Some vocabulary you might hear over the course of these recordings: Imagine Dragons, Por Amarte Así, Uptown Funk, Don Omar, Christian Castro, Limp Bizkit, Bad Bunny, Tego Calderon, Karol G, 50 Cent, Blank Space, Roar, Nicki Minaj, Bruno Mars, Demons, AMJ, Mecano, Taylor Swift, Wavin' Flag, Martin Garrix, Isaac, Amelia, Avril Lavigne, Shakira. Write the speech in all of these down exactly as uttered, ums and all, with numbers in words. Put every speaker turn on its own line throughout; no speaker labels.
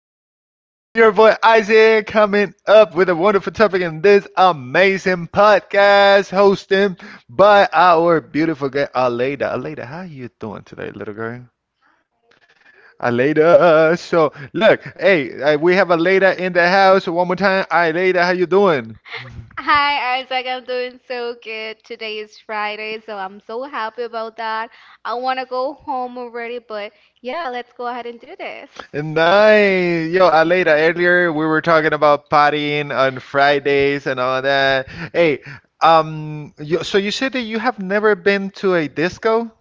everybody. This is your boy Isaac coming up with a wonderful topic in this amazing podcast hosting by our beautiful girl, Aleda. Aleda, how you doing today, little girl? Aleda. So, look, hey, uh, we have Aleda in the house. One more time. Aleda, how you doing?
Hi Isaac, I'm doing so good. Today is Friday, so I'm so happy about that. I want to go home already, but yeah, let's go ahead and do this.
Nice. Yo, Aleida, earlier we were talking about partying on Fridays and all that. Hey, um, you, so you said that you have never been to a disco?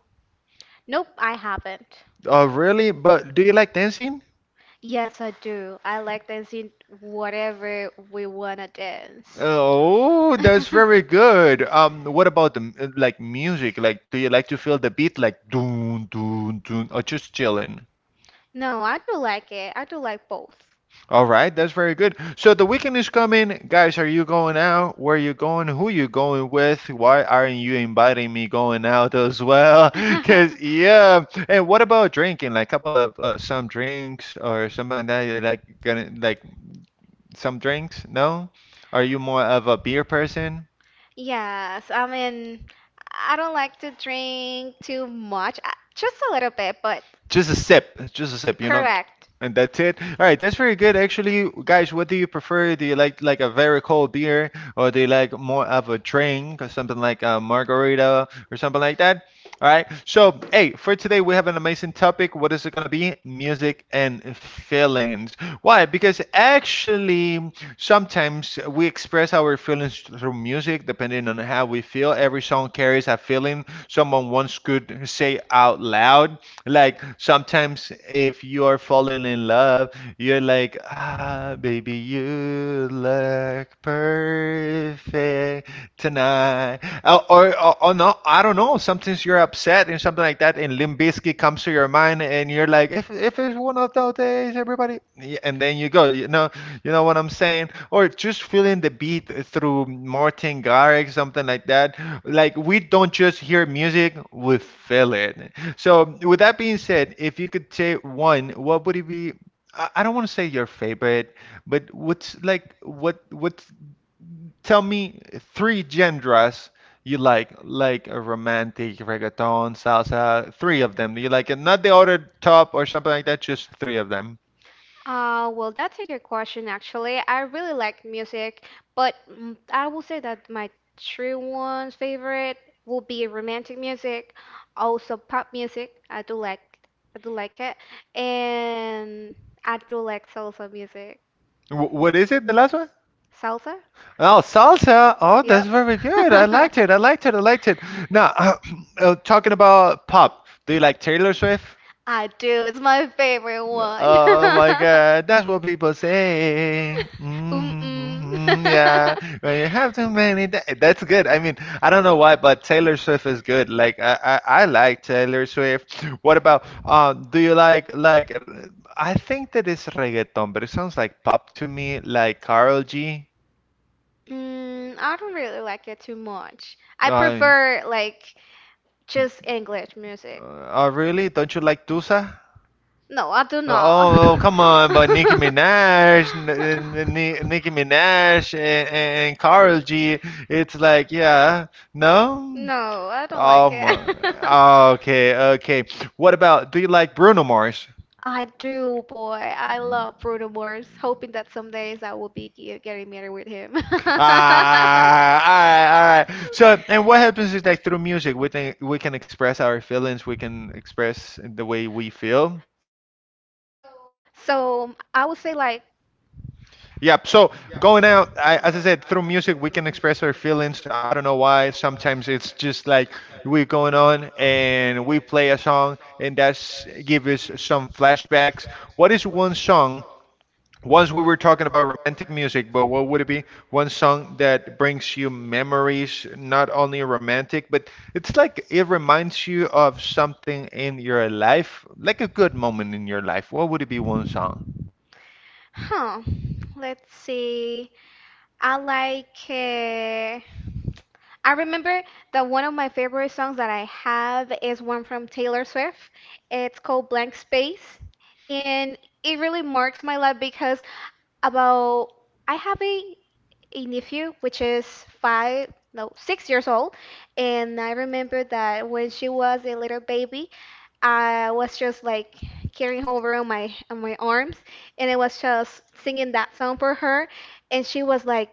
Nope, I haven't.
Oh, really? But do you like dancing?
Yes, I do. I like dancing whatever we want to dance.
Oh, that's very good. Um, what about the m- like music? Like, do you like to feel the beat like doon doon doon or just chilling?
No, I do like it. I do like both.
All right, that's very good. So the weekend is coming, guys. Are you going out? Where you going? Who you going with? Why aren't you inviting me going out as well? Cause yeah. And what about drinking? Like couple of uh, some drinks or something like that. You like gonna like some drinks? No? Are you more of a beer person?
yeah, Yes, I mean, I don't like to drink too much, I- just a little bit, but
Just a sip, just a sip, you know,
correct.
and that's it. All right, that's very good, actually, guys. What do you prefer? Do you like like a very cold beer, or do you like more of a drink, or something like a margarita, or something like that? All right. So, hey, for today we have an amazing topic. What is it gonna be? Music and feelings. Why? Because actually, sometimes we express our feelings through music, depending on how we feel. Every song carries a feeling someone once could say out loud. Like sometimes if you are falling in love, you're like, ah, baby, you look perfect tonight. Uh, or, or, or no, I don't know. Sometimes you're upset and something like that, and Limp Bizkit comes to your mind, and you're like, if if it's one of those days, everybody. Yeah, and then you go, you know, you know what I'm saying? Or just feeling the beat through Martin Garrix, something like that. Like we don't just hear music, we feel it. So, with that being said, if you could say one, what would it be? I I don't want to say your favorite, but what's like what what? Tell me three genres you like, like a romantic, reggaeton, salsa, three of them. You like it, not the other top or something like that, just three of them.
Uh, well, that's a good question, actually. I really like music, but mm, I will say that my true one favorite will be romantic music, also pop music. I do like, I do like it, and I do like salsa music.
Wh- what is it? The last one?
Salsa?
Oh, salsa.
Oh,
Oh, that's
yep.
very good. I liked it. I liked it. I liked it. Now, uh, talking about pop, do you like Taylor Swift?
I do. It's my favorite
Yeah.
one.
Oh my God, that's what people say.
Um
Mm-hmm,
mm
mm-hmm, yeah, when you have too many, da- that's good. I mean, I don't know why, but Taylor Swift is good. Like, I, I, I like Taylor Swift. What about, um, do you like, like, uh, I think that it's reggaeton, but it sounds like pop to me, like Karol G.
Mm, I don't really like it too much. I
Uh,
prefer like just English music.
uh, really? Don't you like Tusa?
No, I do not.
Oh, oh, come on, but Nicki Minaj, N- N- N- Nicki Minaj, and, and Karol G, it's like, yeah, no?
No, I don't like
Oh
it.
my. Okay, okay. What about, do you like Bruno Mars?
I do, boy. I love Bruno Mars, hoping that some days I will be ge- getting married with him.
Ah, all right, all right. So, and what happens is like through music, we can we can express our feelings, we can express the way we feel.
So um, I would say like,
Yep. So going out, I, as I said, through music we can express our feelings. I don't know why. Sometimes it's just like we're going on and we play a song, and that's give us some flashbacks. What is one song? Once we were talking about romantic music, but what would it be? One song that brings you memories, not only romantic, but it's like it reminds you of something in your life, like a good moment in your life. What would it be? One song?
huh, let's see. I like uh, I remember that one of my favorite songs that I have is one from Taylor Swift. It's called Blank Space. And it really marks my life because about I have a, a nephew which is five, no, six years old. And I remember that when she was a little baby, I was just like carrying her over on my on my arms, and I was just singing that song for her, and she was like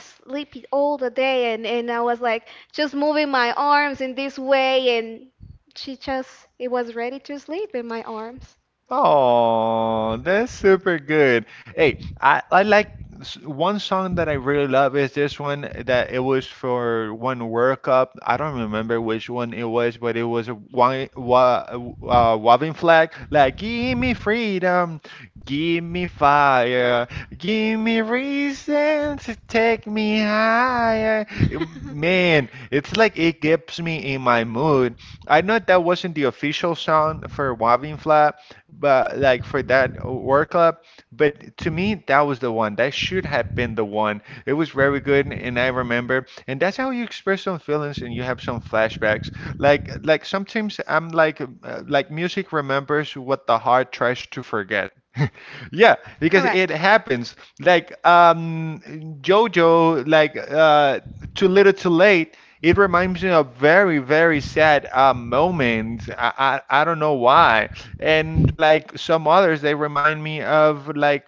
sleepy all the day, and and I was like just moving my arms in this way, and she just it was ready to sleep in my arms.
Oh, that's super good. Hey, I, I like s- one song that I really love is this one that it was for one workup. I don't remember which one it was, but it was a wa wa uh, Waving Flag. Like, give me freedom, give me fire, give me reason to take me higher. Man, it's like it gets me in my mood. I know that wasn't the official song for Wavin' Flag, but like for that work up. But to me, that was the one. That should have been the one. It was very good, and I remember. And that's how you express some feelings and you have some flashbacks. Like like sometimes I'm like uh, like music remembers what the heart tries to forget. Yeah, because it
Correct.
happens. Like um JoJo, like uh Too Little Too Late, it reminds me of very, very sad uh moment. I I, I don't know why. And like some others, they remind me of like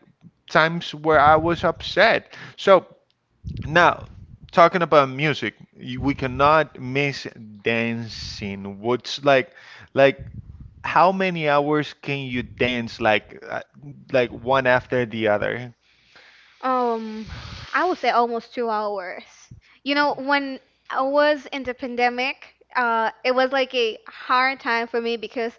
times where I was upset. So now, talking about music, y- we cannot miss dancing. What's like, like how many hours can you dance like, uh, like one after the other?
Um, I would say almost two hours. You know, when I was in the pandemic, uh, it was like a hard time for me because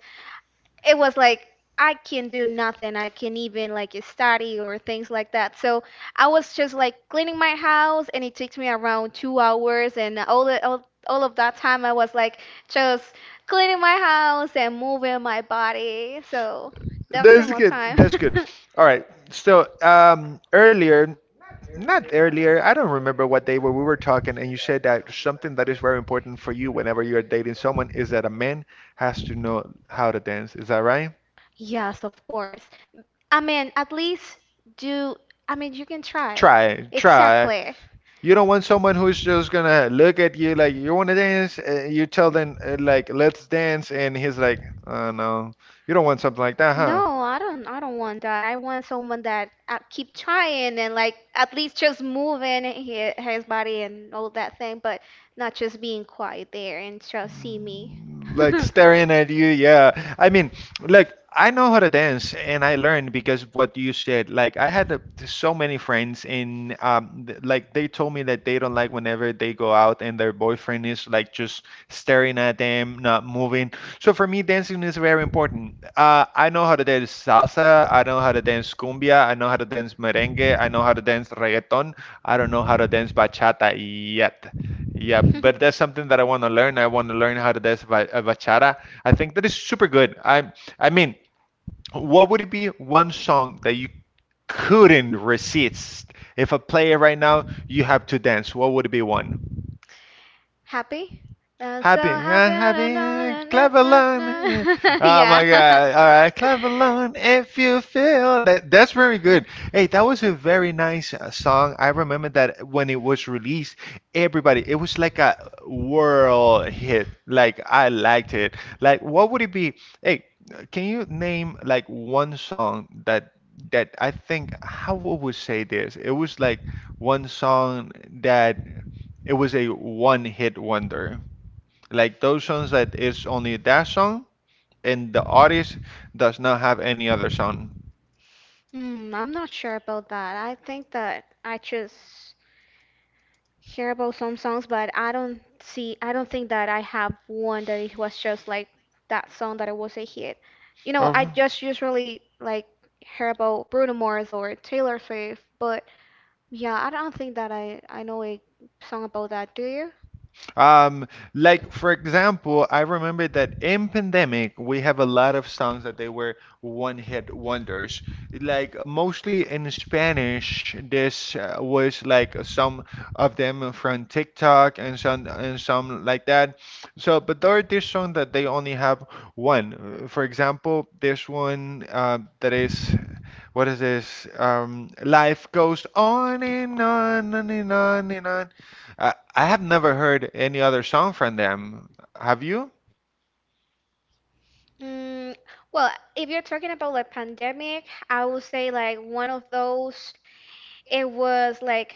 it was like I can do nothing. I can even like study or things like that. So I was just like cleaning my house, and it takes me around two hours, and all the all, all of that time I was like just cleaning my house and moving my body. So that's the
That's
most
good.
time.
That's good. All right. So, um, earlier, not earlier, I don't remember what day where we were talking, and you said that something that is very important for you whenever you're dating someone is that a man has to know how to dance. Is that right?
Yes, of course. I mean, at least do. I mean, you can try.
Try, try.
Exactly.
You don't want someone who's just gonna look at you like you want to dance, and you tell them uh, like let's dance, and he's like, oh no, you don't want something like that, huh?
No, I don't. I don't want that. I want someone that I keep trying and like at least just moving his, his body and all that thing, but not just being quiet there and just see me.
Like
Just
staring at you. Yeah, I mean, like I know how to dance and I learned because what you said, like I had a, so many friends and um th- like they told me that they don't like whenever they go out and their boyfriend is like just staring at them not moving. So for me, dancing is very important. uh I know how to dance salsa, I know how to dance cumbia, I know how to dance merengue, I know how to dance reggaeton. I don't know how to dance bachata yet. Yeah, but that's something that I want to learn. I want to learn how to dance ba- uh, bachata. I think that is super good. I I mean, what would it be one song that you couldn't resist? If I play it right now, you have to dance. What would it be one?
Happy? I'm so
Happy, uh,
I don't know.
happy, clap
Na,
along.
na,
Eh. Oh
Yeah.
my God! All right, clap along if you feel that. That's very good. Hey, that was a very nice uh, song. I remember that when it was released, everybody, it was like a world hit. Like I liked it. Like, what would it be? Hey, can you name like one song that that I think how would we say this? It was like one song that it was a one hit wonder, like those songs that is only that song and the artist does not have any other song.
Hmm, I'm not sure about that. I think that I just hear about some songs, but I don't see, I don't think that I have one that it was just like that song that it was a hit. You know, I
Oh.
just usually like hear about Bruno Mars or Taylor Swift, but yeah, I don't think that I I know a song about that. Do you?
Um, like for example, I remember that in pandemic we have a lot of songs that they were one-hit wonders. Like mostly in Spanish, this uh, was like some of them from TikTok and some and some like that. So, but there are this song that they only have one. Uh, For example, this one uh, that is. What is this? Um, life goes on and on and on and on and on. I, I have never heard any other song from them. Have you?
Mm, well, if you're talking about like pandemic, I would say like one of those it was like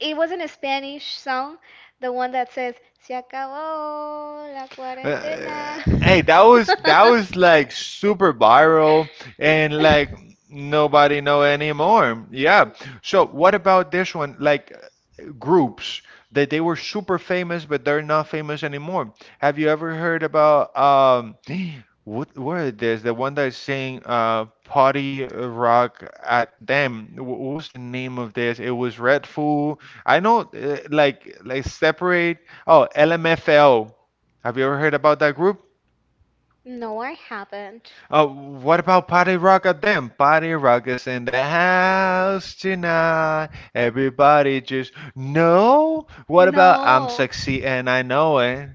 it wasn't a Spanish song, the one that says "Se acabó la cuarentena."
Uh, hey, that was that was like super viral and like nobody know anymore. Yeah. So what about this one? Like uh, groups that they were super famous, but they're not famous anymore. Have you ever heard about um what what is this? The one that's saying uh party rock at them. Wh- What was the name of this? It was Red Fool. I know uh, like like separate. Oh, L M F L. Have you ever heard about that group?
No, I haven't.
Oh, what about Party Rock at them? Party Rock is in the house tonight. Everybody just
No.
know. What about I'm sexy and I know it?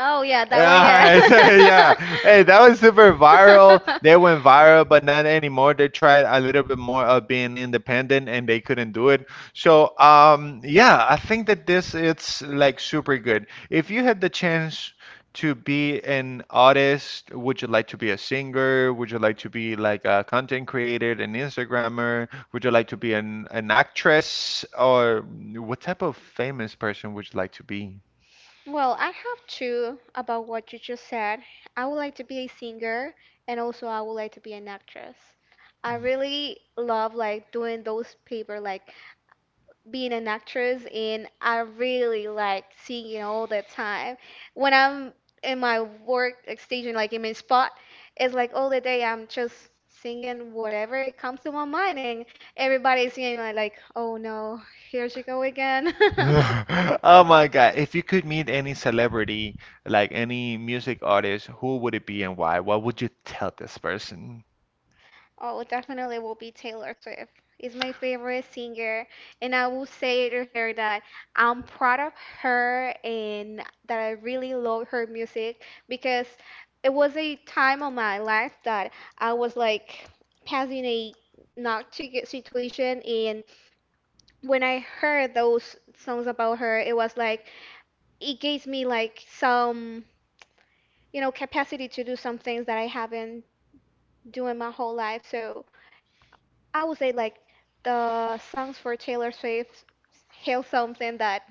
Oh yeah,
All
that one.
right, so, yeah. Hey, that was super viral. They went viral, but not anymore. They tried a little bit more of being
Yeah.
independent and they couldn't do it. So, um, yeah, I think that this it's like super good. If you had the chance to be an artist, would you like to be a singer? Would you like to be like a content creator, an Instagrammer? Would you like to be an an actress or what type of famous person would you like to be?
Well, I have two about what you just said. I would like to be a singer and also I would like to be an actress. I really love like doing those paper like being an actress and I really like singing all the time. When I'm in my work like, station like in my spot, it's like all the day I'm just singing whatever it comes to my mind and everybody's singing like, like oh no, here she go again.
Oh my God. If you could meet any celebrity, like any music artist, who would it be and why? What would you tell this person?
Oh, definitely will be Taylor Swift. Is my favorite singer, and I will say to her that I'm proud of her and that I really love her music because it was a time of my life that I was like passing a not too good situation, and when I heard those songs about her, it was like it gave me like some you know capacity to do some things that I haven't doing my whole life. So I would say like the songs for Taylor Swift hail something that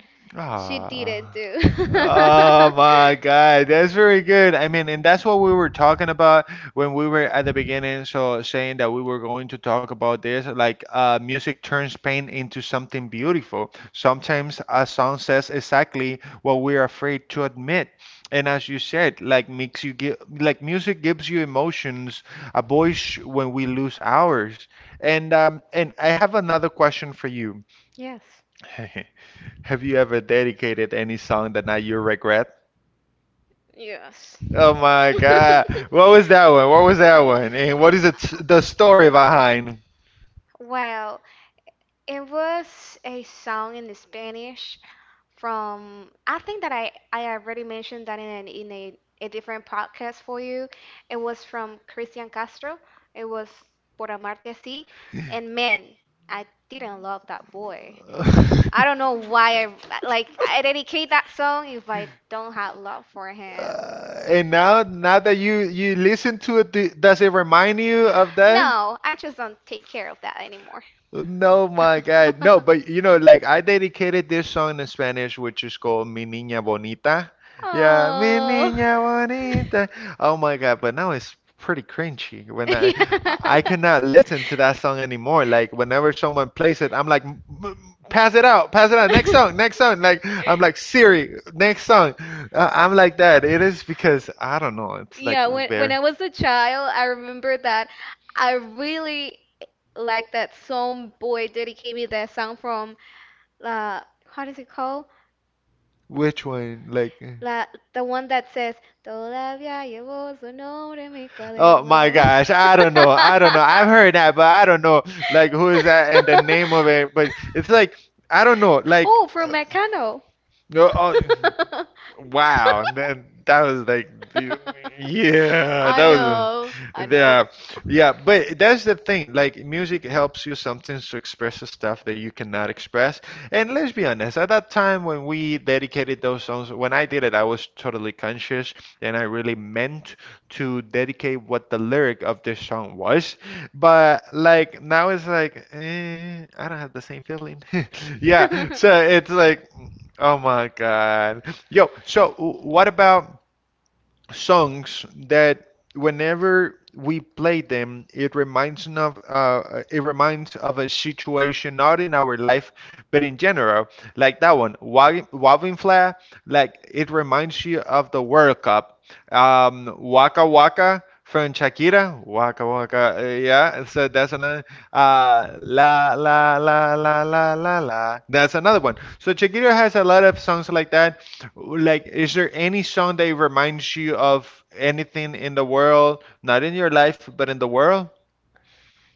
she didn't
Ah.
do.
Oh my God, that's very good. I mean, and that's what we were talking about when we were at the beginning. So saying that we were going to talk about this, like uh, music turns pain into something beautiful. Sometimes a song says exactly what we're afraid to admit. And as you said, like makes you give, like music gives you emotions, a voice when we lose ours. And um, and I have another question for you.
Yes.
Have you ever dedicated any song that now you regret?
Yes.
Oh my God. What was that one? What was that one? And what is it, the story behind?
Well, it was a song in Spanish from I think that I I already mentioned that in an, in a, a different podcast for you. It was from Christian Castro. It was Por Amarte Así, and man, I didn't love that boy. I don't know why I like I dedicate that song if I don't have love for him.
Uh, and now, now that you you listen to it, do, does it remind you of that?
No, I just don't take care of that anymore.
No, my God. No, but you know, like I dedicated this song in Spanish, which is called Mi Niña Bonita. Yeah, Mi
Oh.
Niña Bonita. Oh my God, but now it's pretty cringy when I I I
yeah.
cannot listen to that song anymore. Like whenever someone plays it, I'm like, "M- m- Pass it out, pass it out, next song, next song." Like I'm like Siri, next song. Uh, I'm like that. It is because I don't know. It's like
Yeah, when when
very.
I was a child, I remember that I really liked that song. Boy, Diddy gave me that song from uh, what is it called?
Which one? Like.
La, the one that says, Todavía llevo su nombre en mi
Oh my
cuaderno.
gosh, I don't know. I don't know. I've heard that, but I don't know like who is that and the name of it. But it's like I don't know. Like
Oh, from
uh,
Mecano.
no, oh, wow. And then that was like the- yeah, that
I
was
know, I know.
yeah. Yeah, but that's the thing. Like music helps you sometimes to express the stuff that you cannot express. And let's be honest, at that time when we dedicated those songs, when I did it, I was totally conscious and I really meant to dedicate what the lyric of this song was. But like now it's like eh, I don't have the same feeling. yeah, so it's like oh my God. Yo, so w- what about songs that whenever we play them, it reminds n- of uh, it reminds of a situation not in our life but in general. Like that one, Wa- Wavin Flair, like it reminds you of the World Cup. Um, Waka Waka from Shakira, Waka Waka, uh, yeah. So that's another. Uh, la la la la la la la. That's another one. So Shakira has a lot of songs like that. Like, is there any song that reminds you of anything in the world? Not in your life, but in the world?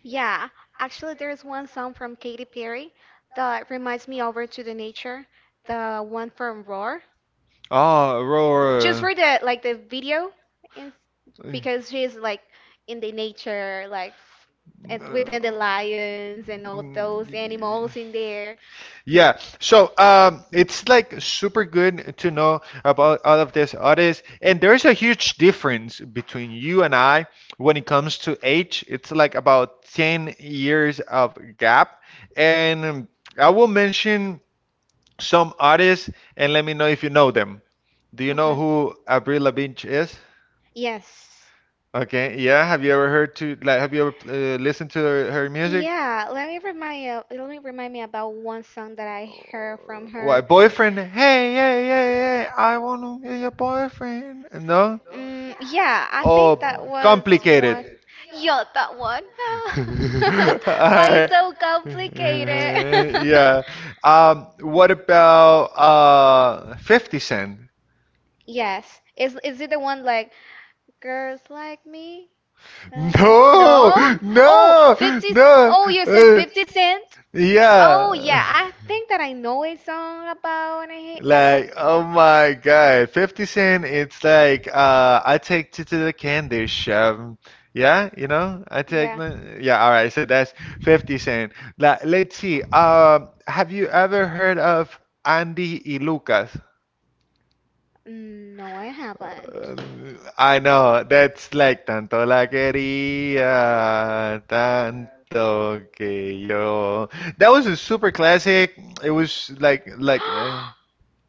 Yeah, actually, there's one song from Katy Perry that reminds me over to the nature, the one from Roar.
Oh,
Just
roar.
for the like the video, and because she's like in the nature, like f- and within the lions and all those animals in there.
Yeah, so um, it's like super good to know about all of this artists, and there's a huge difference between you and I when it comes to age. It's like about 10 years of gap, and um, I will mention some artists and let me know if you know them. Do you know
Okay.
who Avril Lavigne is?
Yes.
Okay, yeah. Have you ever heard to like? Have you ever uh, listened to her, her music?
Yeah, let me remind you, let me remind me about one song that I heard from her.
What boyfriend? Hey, yeah, yeah, yeah. I wanna be your boyfriend. No?
Mm, yeah, I think
Oh,
that was one.
complicated.
Yeah, that one. No. Why is
Alright.
so complicated?
yeah. Um. What about uh, Fifty Cent?
Yes. Is is it the one like girls like me? No, no. No?
No,
Oh,
no,
fifty c-
no.
Oh, you said
uh,
fifty Cent? Oh,
yeah,
yeah. I think that I know a song about a, about
like oh my God, fifty Cent. It's like uh, I take you to the candy shop. Yeah, you know, I take
yeah.
the yeah. All right, so that's fifty Cent. Like, let's see. Um, have you ever heard of Andy y Lucas?
Mm, No, I haven't.
Um, I know that's like tanto la quería, tanto que yo. That was a super classic. It was
like
like like uh,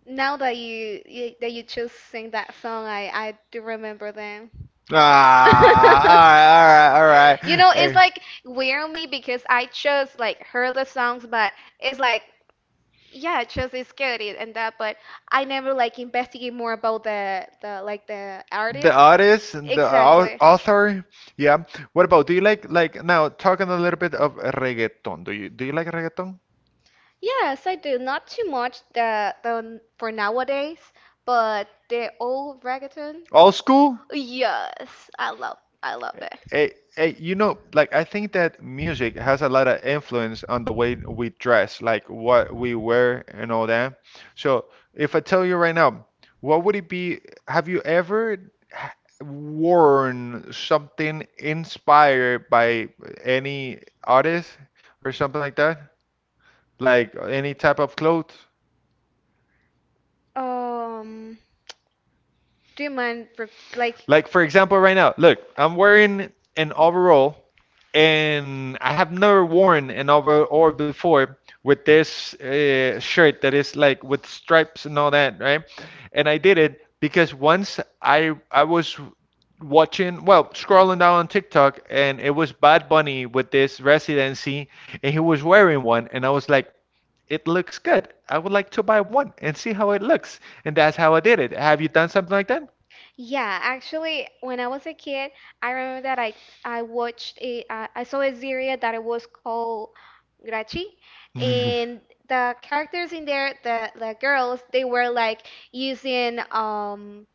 Now that you, you that you just sing that song, I I do remember them.
ah, all right, all right,
you
all
know,
right.
it's
Hey.
like weird on me because I chose like heard the songs, but it's like yeah, I chose it's good it- and that, but I never like investigate more about the the like the
The
artist.
artist, the au-
Exactly.
author, yeah. What about, do you like like now talking a little bit of reggaeton? Do you do you like reggaeton?
Yes, I do. Not too much the the for nowadays, but the old reggaeton.
Old school?
Yes, I love I love it.
Hey, hey, you know, like I think that music has a lot of influence on the way we dress, like what we wear and all that. So, if I tell you right now, what would it be? Have you ever h- worn something inspired by any artist or something like that? Like any type of clothes?
Um, do you mind re like
Like for example, right now, look, I'm wearing an overall, and I have never worn an overall before with this uh, shirt that is like with stripes and all that, right? And I did it because once I I was watching, well, scrolling down on TikTok, and it was Bad Bunny with this residency, and he was wearing one, and I was like. It looks good. I would like to buy one and see how it looks. And that's how I did it. Have you done something like that?
Yeah, actually, when I was a kid, I remember that I I watched a I I saw a series that it was called Grachi, and the characters in there, the the girls, they were like using um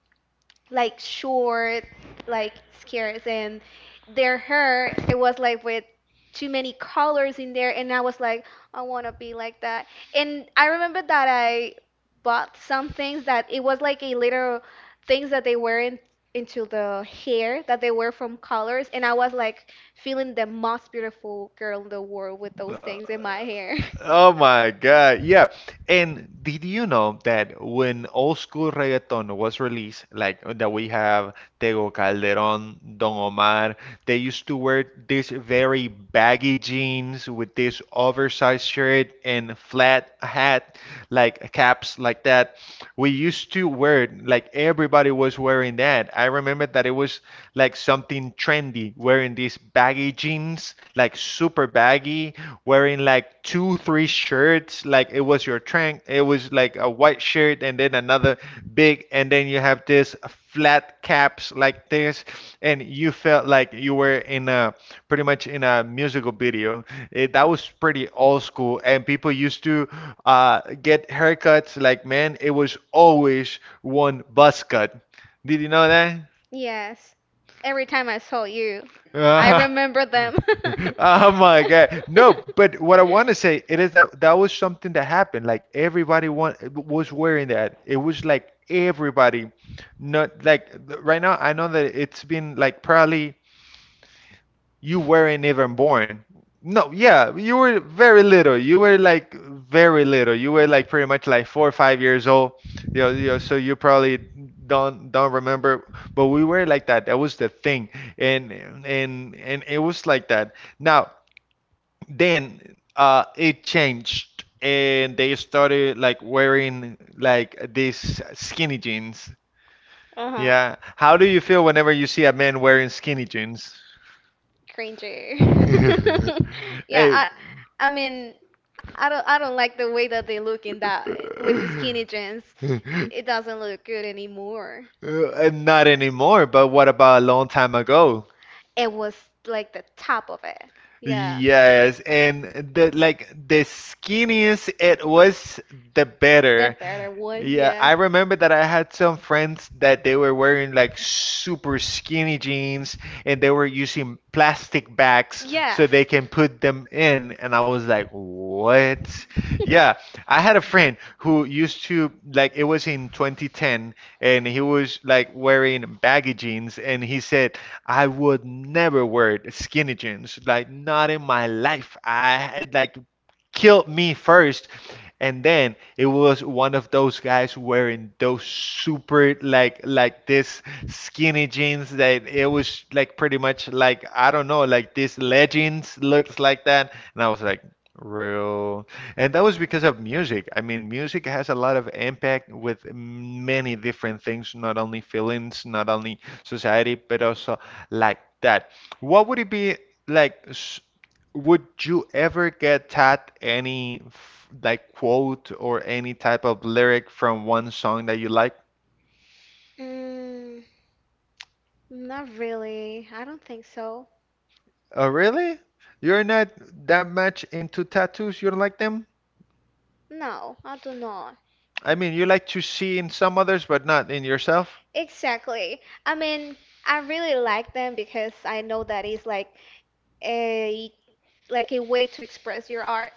like short, like scarce, and their hair it was like with too many colors in there, and I was like, I want to be like that. And I remember that I bought some things that it was like a little things that they were in, into the hair that they were from colors, and I was like feeling the most beautiful girl in the world with those
Uh,
things in my hair.
Oh my God. Yeah. And did you know that when old school reggaeton was released, like that we have Tego Calderon, Don Omar, they used to wear these very baggy jeans with this oversized shirt and flat hat. like caps like that. We used to wear it, like everybody was wearing that. I remember that it was like something trendy, wearing these baggy jeans, like super baggy, wearing like two, three shirts, like it was your trend. It was like a white shirt and then a another big, and then you have this flat caps like this, and you felt like you were in a pretty much in a musical video. It, that was pretty old school, and people used to uh, get haircuts like man, it was always one buzz cut. Did you know that?
Yes. Every time I saw you, I
Uh,
remember them.
oh my God. No, but what I want to say it is that that was something that happened. Like everybody want, was wearing that. It was like everybody, not like th- right now. I know that it's been like probably you weren't even born. No, yeah, you were very little. You were like very little. You were like pretty much like four or five years old. You know, you know, so you probably don't don't remember, but we were like that. That was the thing, and and and it was like that. Now then, uh, it changed, and they started like wearing like these skinny jeans.
Uh-huh.
Yeah, how do you feel whenever you see a man wearing skinny jeans?
Cringer. Yeah,
Hey,
I I mean, I don't I don't like
do
the way that they look in that with the skinny jeans. It doesn't look good anymore.
not anymore, but what about a long time ago?
It was like the top of it. Yeah.
Yes, and the like the skinniest it was, the
The
better.
better one,
Yeah,
yeah.
I remember that I had some friends that they were wearing like super skinny jeans and they were using plastic bags
Yeah.
so they can put them in. And I was like, what? Yeah, I had a friend who used to, like, it was in two thousand ten and he was like wearing baggy jeans and he said I would never wear skinny jeans like not in my life I had like killed me first and then it was one of those guys wearing those super like like this skinny jeans that it was like pretty much like I don't know like this leggings looks like that and I was like real and that was because of music. I mean, music has a lot of impact with many different things, not only feelings, not only society, but also like that. What would it be like? s- Would you ever get taught any f- like quote or any type of lyric from one song that you like?
Mm, not really. I don't think so.
Oh, really? You're not that much into tattoos? You don't like them?
No, I do not.
I mean, you like to see in some others, but not in yourself?
Exactly. I mean, I really like them because I know that it's like uh, like a way to express your art,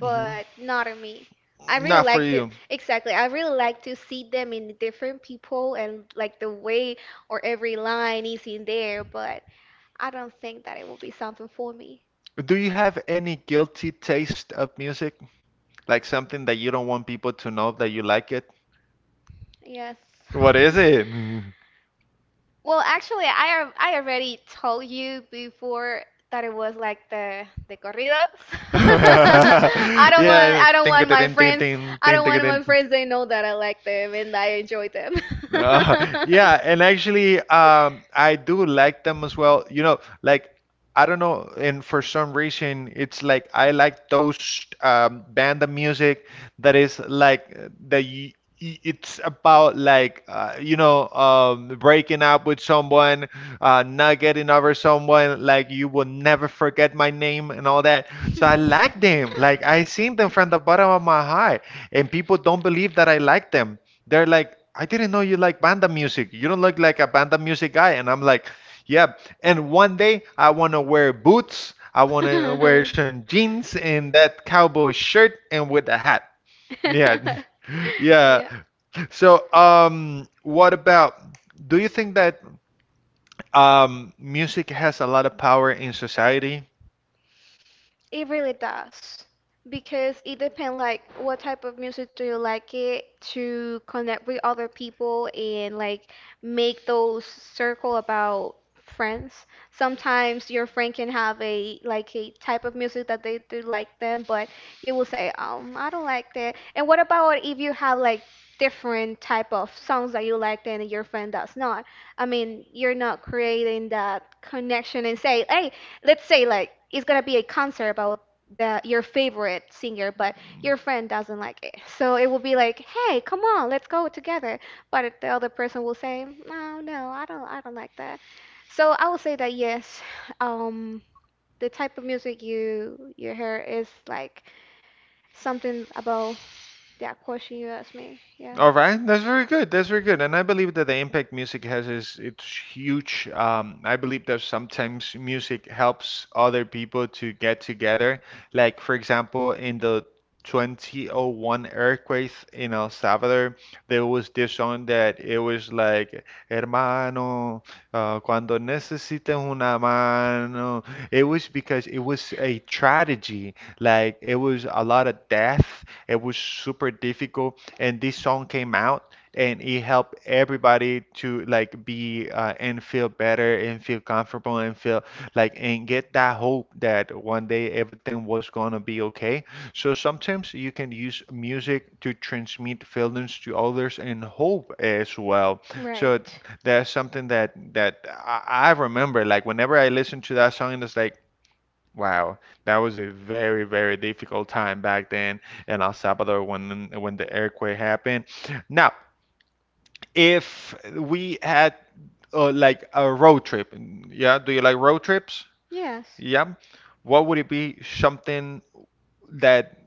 Hmm.
not on me. I really
Not for
like to
you.
exactly. I really like to see them in different people and like the way or every line is in there, but I don't think that it will be something for me.
Do you have any guilty taste of music? Like something that you don't want people to know that you like it?
Yes.
What is it?
Well, actually, I al- I already told you before that it was like the the corridos. I don't want
Yeah,
I don't
ting
want my
ting ting
friends
ting
I
ting
don't
ting
want
ting.
my friends they know that I like them and I enjoy them.
Uh, yeah, and actually, um, I do like them as well. You know, like I don't know, and for some reason, it's like I like those um, band of music that is like uh, that you, it's about like uh, you know um, breaking up with someone, uh, not getting over someone. Like you will never forget my name and all that. So I like them. Like I seen them from the bottom of my heart, and people don't believe that I like them. They're like, I didn't know you like banda music. You don't look like a banda music guy. And I'm like, yeah. And one day I want to wear boots. I want to wear some jeans and that cowboy shirt and with a hat. Yeah. Yeah.
Yeah.
So, um, what about, do you think that um, music has a lot of power in society?
It really does. Because it depends like what type of music do you like it to connect with other people and like make those circle about friends. Sometimes your friend can have a like a type of music that they do like them, but you will say, um, I don't like that. And what about if you have like different type of songs that you like and your friend does not? I mean, you're not creating that connection and say, hey, let's say like it's gonna be a concert about the your favorite singer, but your friend doesn't like it. So it will be like, hey, come on, let's go together. But if the other person will say, no, no, I don't, I don't like that. So I will say that yes, um, the type of music you you hear is like something about that question you asked me. Yeah.
All right, that's very good. That's very good, and I believe that the impact music has is it's huge. Um, I believe that sometimes music helps other people to get together. Like for example, in the two thousand one earthquake in El Salvador, there was this song that it was like, "Hermano, uh, cuando necesites una mano." It was because it was a tragedy. Like it was a lot of death. It was super difficult and this song came out and it helped everybody to like be uh, and feel better and feel comfortable and feel like and get that hope that one day everything was gonna be okay. So sometimes you can use music to transmit feelings to others and hope as well.
So
So
Right.
that's something that that I, I remember. Like whenever I listen to that song, and it's like wow, that was a very, very difficult time back then in El Salvador when when the earthquake happened. Now, if we had uh, like a road trip, yeah, do you like road trips?
Yes.
Yeah. What would it be something that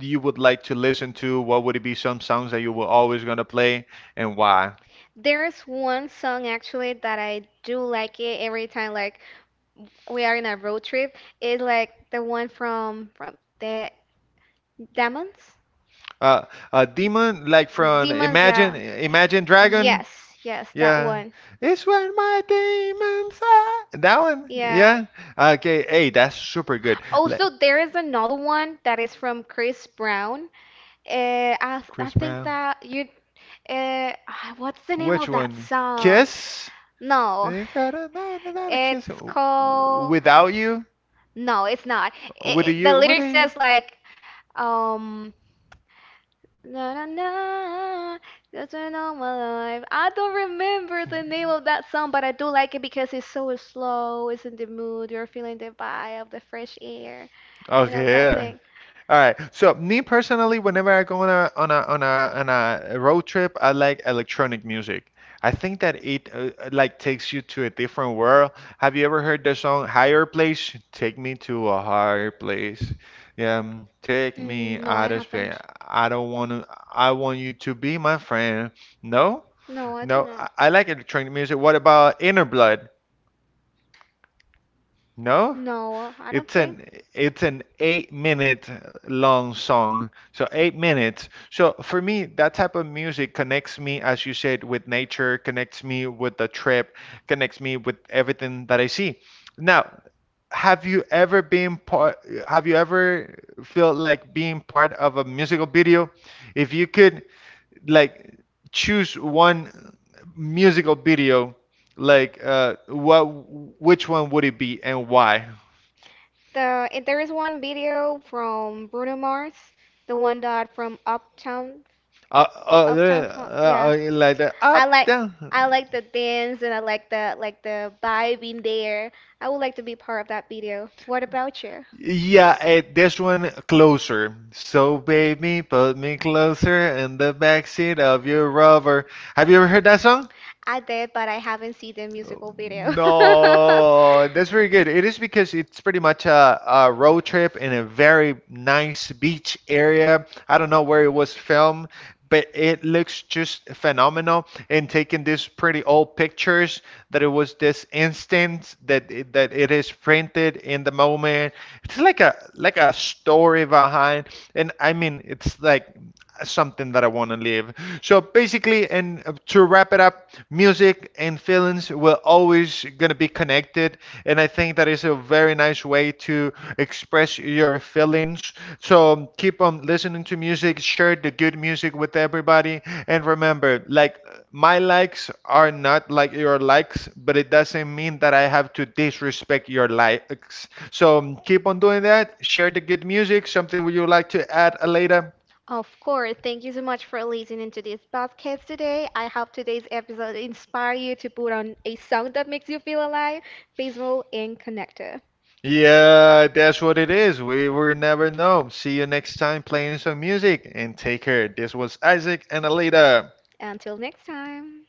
you would like to listen to? What would it be some songs that you were always gonna play and why?
There's one song actually that I do like it every time like we are in a road trip. It's like the one from from the Demons?
Uh, a demon like from
Demons,
Imagine
yeah.
Imagine Dragon.
Yes, yes, that
Yeah.
one.
It's when my demons are. That one?
Yeah.
Yeah. Okay. Hey, that's super good. Like,
Also, there is another one that is from Chris Brown. Uh, I, I
Chris
think
Brown.
that you. Uh, ah, what's the name
Which
of that
one?
song?
Kiss?
No,
They got a, not, not a kiss.
it's called.
Without you?
No, it's not.
What do
I I- the
you? What do
lyric
you?
says like, um, na na na, that's when all my life. I don't remember the name of that song, but I do like it because it's so slow. It's in the mood. You're feeling the vibe of the fresh air, you know
Okay,
that
yeah.
thing.
All right. So me personally, whenever I go on a on a on a on a road trip, I like electronic music. I think that it uh, like takes you to a different world. Have you ever heard the song "Higher Place"? Take me to a higher place. Yeah, mm, take
Mm,
me
no, I
out of space.
haven't.
I don't want to. I want you to be my friend. No,
No, I do
no. I,
not.
I like electronic music. What about Inner Blood? No,
No, I don't
it's
think.
an it's an eight minute long song, so eight minutes. So for me, that type of music connects me, as you said, with nature, connects me with the trip, connects me with everything that I see. Now, have you ever been part, have you ever felt like being part of a musical video? If you could like choose one musical video, like uh, what, which one would it be and why?
The eh, there is one video from Bruno Mars, the one that from Uptown,
Uh, uh,
Uptown
there-
Funk. Yeah,
uh, uh, like that? Up
I like
down.
I like the dance and I like the like the vibe in there. I would like to be part of that video. What about you?
Yeah, eh, this one closer. So baby, put me closer in the backseat of your rover. Have you ever heard that song?
I did, but I haven't seen the musical video.
No, that's very good. It is because it's pretty much a, a road trip in a very nice beach area. I don't know where it was filmed, but it looks just phenomenal. And taking these pretty old pictures, that it was this instant that it, that it is printed in the moment. It's like a like a story behind, and I mean, it's like something that I want to live. So basically, and to wrap it up, music and feelings will always gonna be connected, and I think that is a very nice way to express your feelings. So keep on listening to music, share the good music with everybody, and remember, like my likes are not like your likes, but it doesn't mean that I have to disrespect your likes. So keep on doing that. Share the good music. Something would you like to add, Aleda?
Of course. Thank you so much for listening to this podcast today. I hope today's episode inspire you to put on a song that makes you feel alive, peaceful, and connected.
Yeah, that's what it is. We will never know. See you next time playing some music and take care. This was Isaac and Alita.
Until next time.